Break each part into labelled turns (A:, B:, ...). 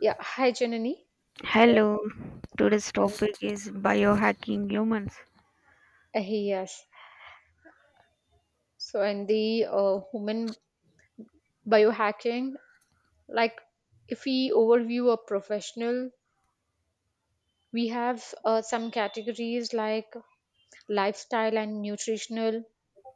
A: Yeah, hi Janani. So,
B: Hello. Today's
A: I-
B: topic is biohacking humans.
A: yes. So, in the human biohacking, like if we overview a professional, we have some categories like lifestyle and nutritional,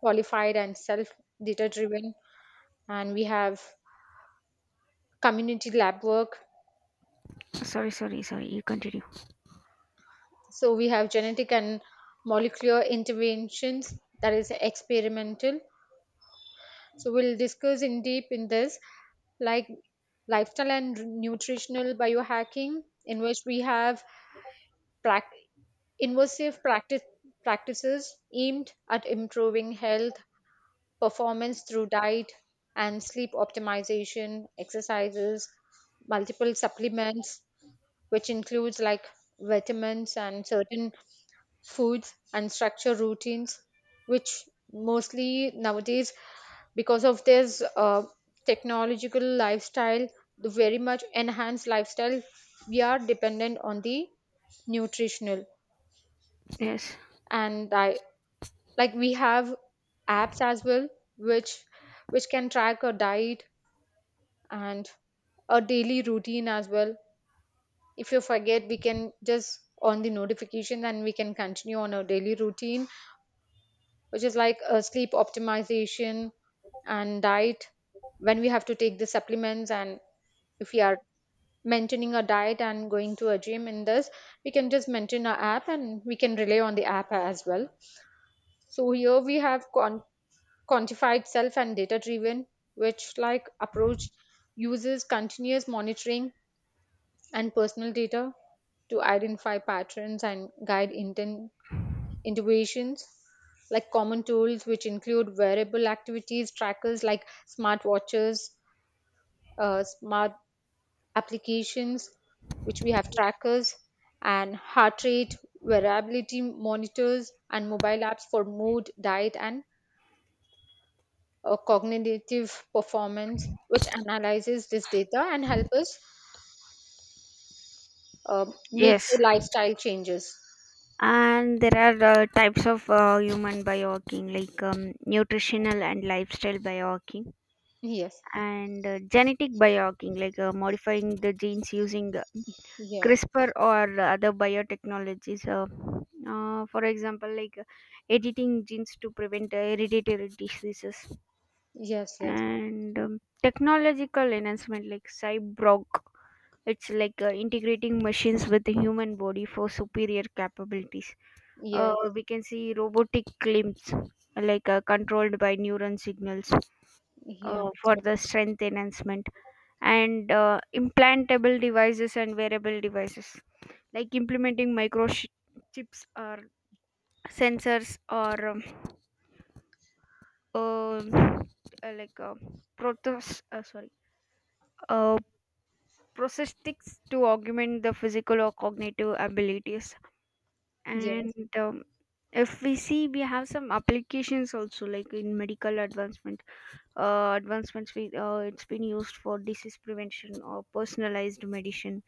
A: qualified and self data driven, and we have community lab work.
B: Sorry, sorry, sorry. You continue.
A: So, we have genetic and molecular interventions that is experimental. So we'll discuss in deep in this, like lifestyle and nutritional biohacking, in which we have prac- invasive practices aimed at improving health performance through diet and sleep optimization exercises, multiple supplements, which includes like vitamins and certain foods and structure routines, which mostly nowadays, because of this technological lifestyle, the very much enhanced lifestyle, we are dependent on the nutritional.
B: Yes.
A: And I, like we have apps as well, which which can track a diet and a daily routine as well. If you forget, we can just on the notifications and we can continue on our daily routine, which is like sleep optimization and diet, when we have to take the supplements. And if we are maintaining a diet and going to a gym, in this we can just maintain our app and we can rely on the app as well. So here we have quantified self and data driven, which like approach uses continuous monitoring and personal data to identify patterns and guide intent innovations, like common tools which include wearable activities trackers like smartwatches, smart applications, which we have trackers, and heart rate variability monitors and mobile apps for mood, diet, and cognitive performance, which analyzes this data and help us uh, make
B: Yes.
A: the lifestyle changes.
B: And there are types of human biohacking like nutritional and lifestyle biohacking
A: Yes.
B: and genetic biohacking like modifying the genes using
A: Yeah.
B: CRISPR or other biotechnologies. For example, editing genes to prevent hereditary diseases.
A: Yes, yes.
B: And technological enhancement like cyborg, it's like integrating machines with the human body for superior capabilities.
A: Yes,
B: We can see robotic limbs like controlled by neuron signals
A: yes.
B: for the strength enhancement, and implantable devices and wearable devices like implementing microchips or sensors, or um, like protos sorry uh, prosthetics to augment the physical or cognitive abilities.
A: Yes,
B: And if we see, we have some applications also like in medical advancements. We it's been used for disease prevention or personalized medicine,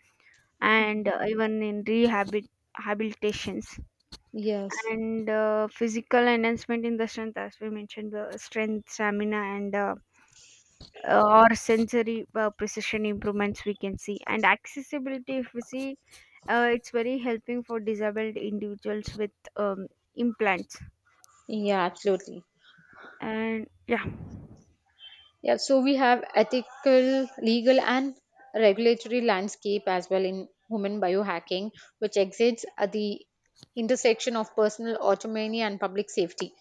B: and even in rehabit habilitations,
A: yes.
B: and physical enhancement in the strength. As we mentioned, the strength, stamina, and or sensory precision improvements we can see. And accessibility, if we see, it's very helping for disabled individuals with um, implants.
A: Yeah, absolutely.
B: And yeah.
A: Yeah, so we have ethical, legal, and regulatory landscape as well in human biohacking, which exists at the intersection of personal autonomy and public safety,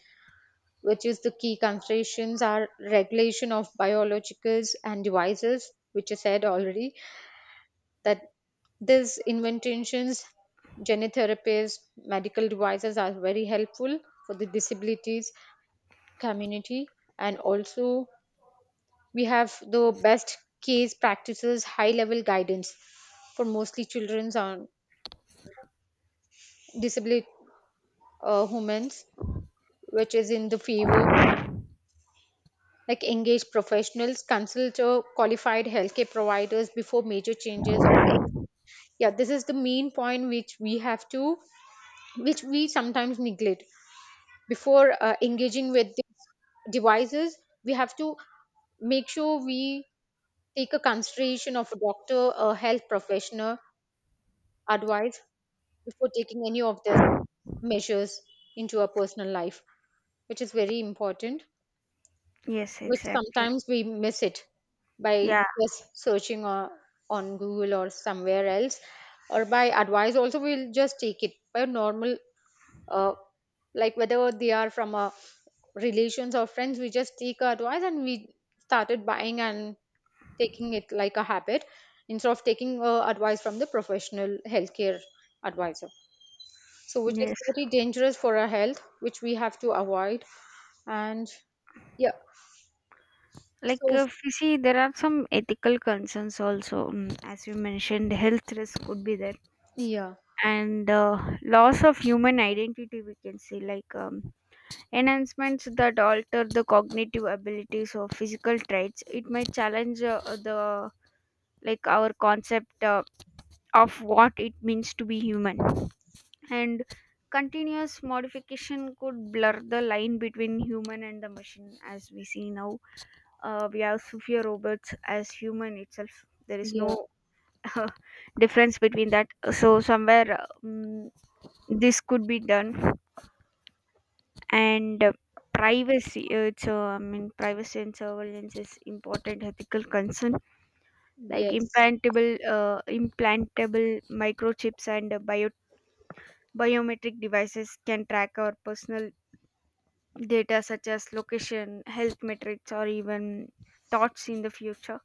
A: which is, the key considerations are regulation of biologicals and devices, which I said already, that these interventions, gene therapies, medical devices are very helpful for the disabilities community. And also we have the best case practices, high level guidance for mostly children's on disabled humans, which is in the favor, like engage professionals, consult qualified healthcare providers before major changes. Or yeah, this is the main point which we have to, which we sometimes neglect. Before engaging with these devices, we have to make sure we take a consideration of a doctor, a health professional advice, before taking any of these measures into our personal life, which is very important,
B: Yes,
A: which
B: exactly.
A: sometimes we miss it by
B: Yeah.
A: just searching on Google or somewhere else, or by advice. Also, we'll just take it by normal, uh, like whether they are from our relations or friends, we just take our advice and we started buying and taking it like a habit instead of taking advice from the professional healthcare advisor. So which is
B: Yes.
A: very dangerous for our health, which we have to avoid. And yeah.
B: Like
A: So
B: if you see, there are some ethical concerns also. As you mentioned, health risk could be there,
A: yeah.
B: and loss of human identity we can say, like enhancements that alter the cognitive abilities or physical traits, it might challenge the like our concept of what it means to be human. And continuous modification could blur the line between human and the machine. As we see now, we have sophia robots as human itself. There is no
A: Yeah.
B: uh, difference between that. So somewhere this could be done. And privacy it's I mean privacy and surveillance is important ethical concern, like
A: Yes,
B: implantable microchips and biometric devices can track our personal data such as location, health metrics, or even thoughts in the future.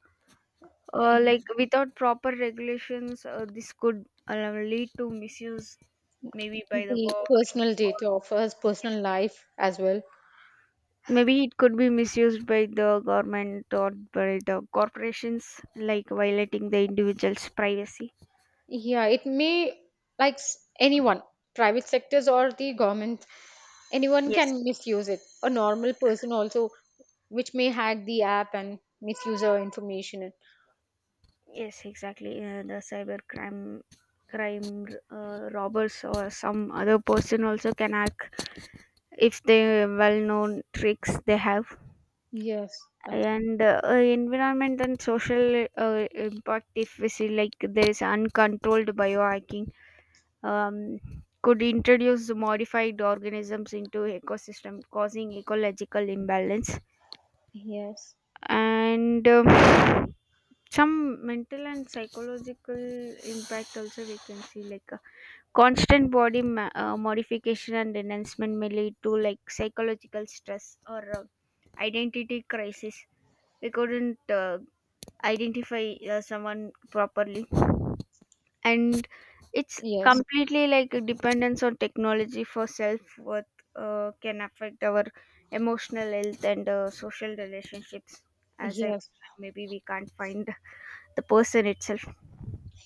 B: Like without proper regulations, this could lead to misuse, maybe by the
A: the
B: government,
A: personal
B: or
A: data of us,
B: yes,
A: personal life as well.
B: maybe it could be misused by the government or by the corporations, like violating the individual's privacy.
A: Yeah, it may, anyone, private sectors or the government, anyone
B: Yes,
A: can misuse it, a normal person also, which may hack the app and misuse our information.
B: yes, exactly. The cyber crime robbers or some other person also can hack if they well known tricks they have.
A: Yes. abs-
B: And environment and social impact, if we see, like, there is uncontrolled biohacking, um, could introduce modified organisms into ecosystem causing ecological imbalance.
A: yes.
B: And some mental and psychological impact also we can see. Like constant body modification and enhancement may lead to like psychological stress or identity crisis. We couldn't identify someone properly, and it's
A: Yes.
B: completely like a dependence on technology for self worth can affect our emotional health and social relationships. As I
A: Yes.
B: mentioned, maybe we can't find the person itself.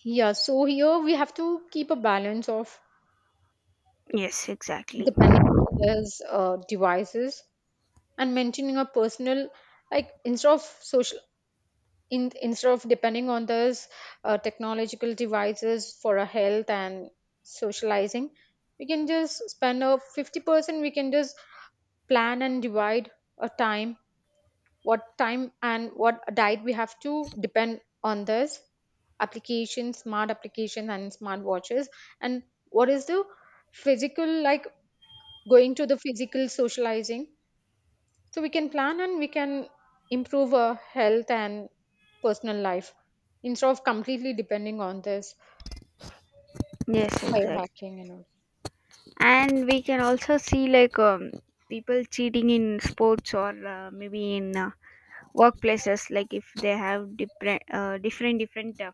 A: Yeah, so here we have to keep a balance of
B: Yes, exactly.
A: depending on these devices and maintaining a personal, like instead of social, in instead of depending on those technological devices for our health and socializing, we can just spend a 50%, we can just plan and divide a time, what time and what diet we have to depend on this applications, smart applications and smart watches, and what is the physical, like going to the physical socializing. So we can plan and we can improve our health and personal life instead of completely depending on this
B: Yes, exactly.
A: biohacking and all.
B: And we can also see, like people cheating in sports or maybe in workplaces, like if they have different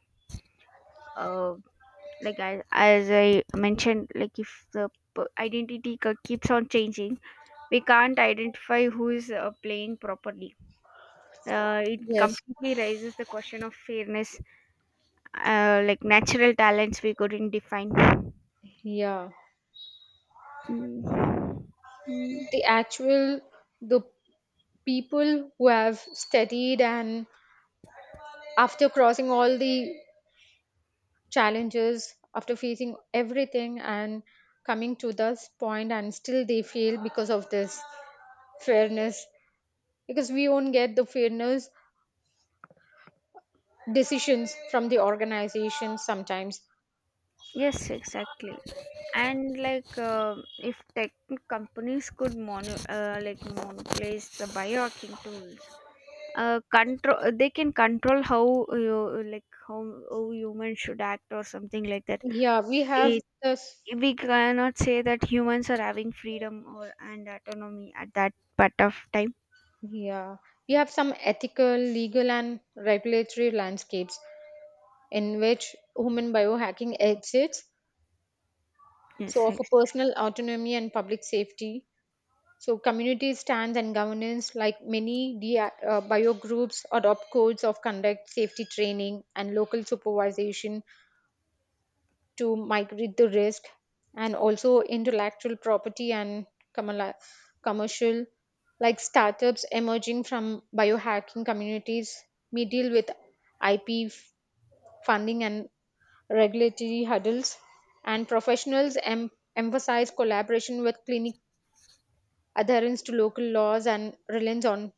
B: uh, as I mentioned, like if the identity keeps on changing, we can't identify who is playing properly. It
A: Yes.
B: completely raises the question of fairness. Like natural talents we couldn't define.
A: Yeah,
B: Mm. Mm.
A: the actual, the people who have studied and after crossing all the challenges, after facing everything and coming to this point, and still they fail because of this fairness, because we won't get the fairness decisions from the organization sometimes.
B: Yes, exactly. And like, if tech like monopolize the biohacking tools, control they can control how you like how humans should act or something like that.
A: Yeah, we have
B: It,
A: this.
B: we cannot say that humans are having freedom or and autonomy at that part of time.
A: Yeah, we have some ethical, legal, and regulatory landscapes in which human biohacking exists,
B: Yes.
A: so of a personal autonomy and public safety. So community stands and governance, like many DI bio groups, adopt codes of conduct, safety training, and local supervision to migrate the risk. And also intellectual property and commerla- commercial, like startups emerging from biohacking communities, may deal with IP funding and regulatory hurdles, and professionals emphasize collaboration with clinic, adherence to local laws and reliance on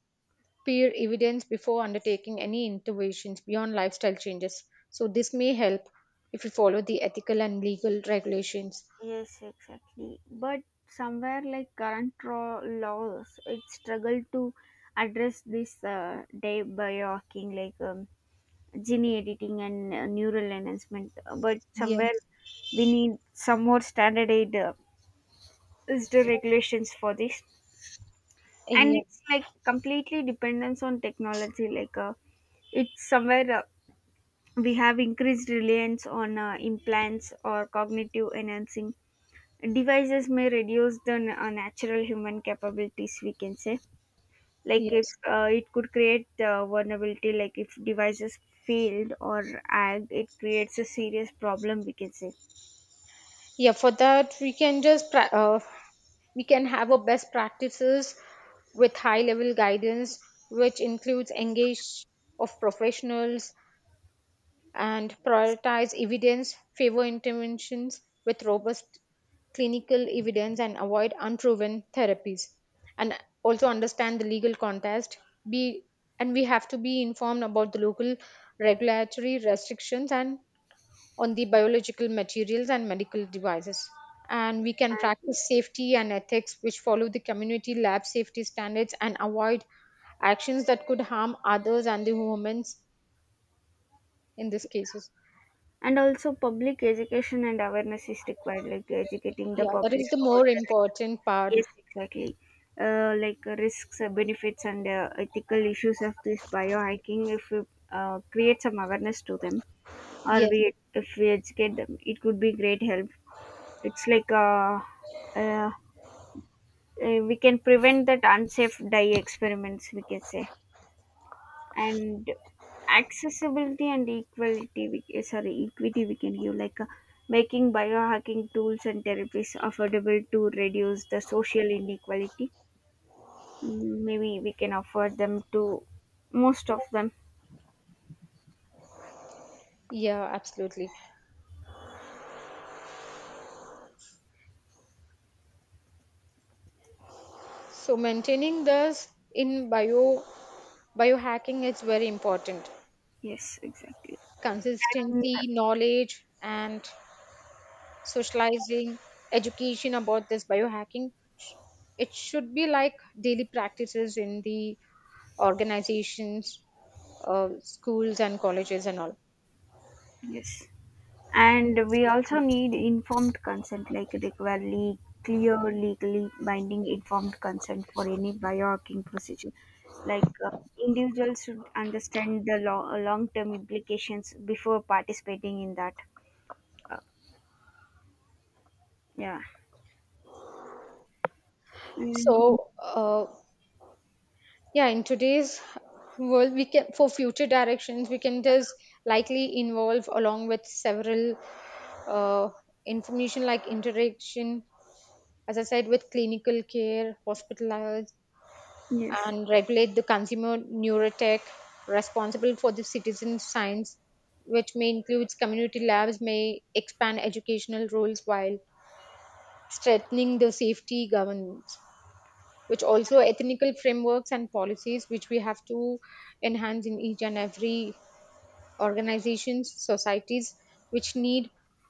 A: peer evidence before undertaking any interventions beyond lifestyle changes. So, this may help if you follow the ethical and legal regulations.
B: Yes, exactly. But somewhere like current laws, it struggle to address this day by working, like gene editing and neural enhancement. But somewhere
A: Yes.
B: we need some more standardized is the regulations for this, and
A: Yeah.
B: it's like completely dependence on technology. Like it's somewhere we have increased reliance on implants or cognitive enhancing devices may reduce the natural human capabilities, we can say. Like if
A: Yes.
B: it could create vulnerability, like if devices failed or ag, it creates a serious problem, we can say.
A: Yeah, for that, we can just we can have a best practices with high level guidance, which includes engage of professionals and prioritize evidence, favor interventions with robust clinical evidence, and avoid unproven therapies. And also understand the legal context. Be, and we have to be informed about the local regulatory restrictions and on the biological materials and medical devices. And we can
B: And
A: practice safety and ethics, which follow the community lab safety standards and avoid actions that could harm others and the humans in these cases.
B: and also public education and awareness is required, like educating the
A: Yeah, that
B: public
A: is the
B: about
A: more
B: the risk.
A: important part.
B: Yes, exactly. Like risks, benefits, and ethical issues of this biohacking, if we create some awareness to them, or
A: Yes.
B: we if we educate them, it could be great help. It's like uh, uh, uh, we can prevent that unsafe dye experiments, we can say. And accessibility and equality we, eh, sorry equity we can give, like making biohacking tools and therapies affordable to reduce the social inequality. Mm, maybe we can afford them to most of them.
A: Yeah, absolutely. So maintaining this in bio biohacking is very important.
B: Yes, exactly. And
A: Consistency, knowledge, and socializing, education about this biohacking. It should be like daily practices in the organizations, schools and colleges and all.
B: yes. And we also need informed consent, like require clear, legally binding informed consent for any biohacking procedure. Like individuals should understand the long term implications before participating in that. Uh, yeah. Mm,
A: So uh, Yeah, in today's world, we can, for future directions we can just likely involve along with several uh, information, like interaction, as I said, with clinical care, hospitalized,
B: yes.
A: and regulate the consumer neurotech, responsible for the citizen science, which may includes community labs, may expand educational roles while strengthening the safety governance. Which also ethical frameworks and policies which we have to enhance in each and every organizations, societies, which need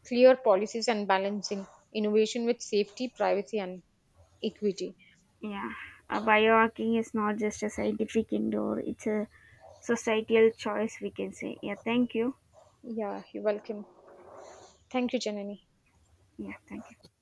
A: clear policies and balancing innovation with safety, privacy, and equity.
B: Yeah. Biohacking is not just a scientific endeavor, it's a societal choice, we can say. Yeah. Thank you.
A: Yeah, you're welcome. Thank you, Janani.
B: Yeah. Thank you.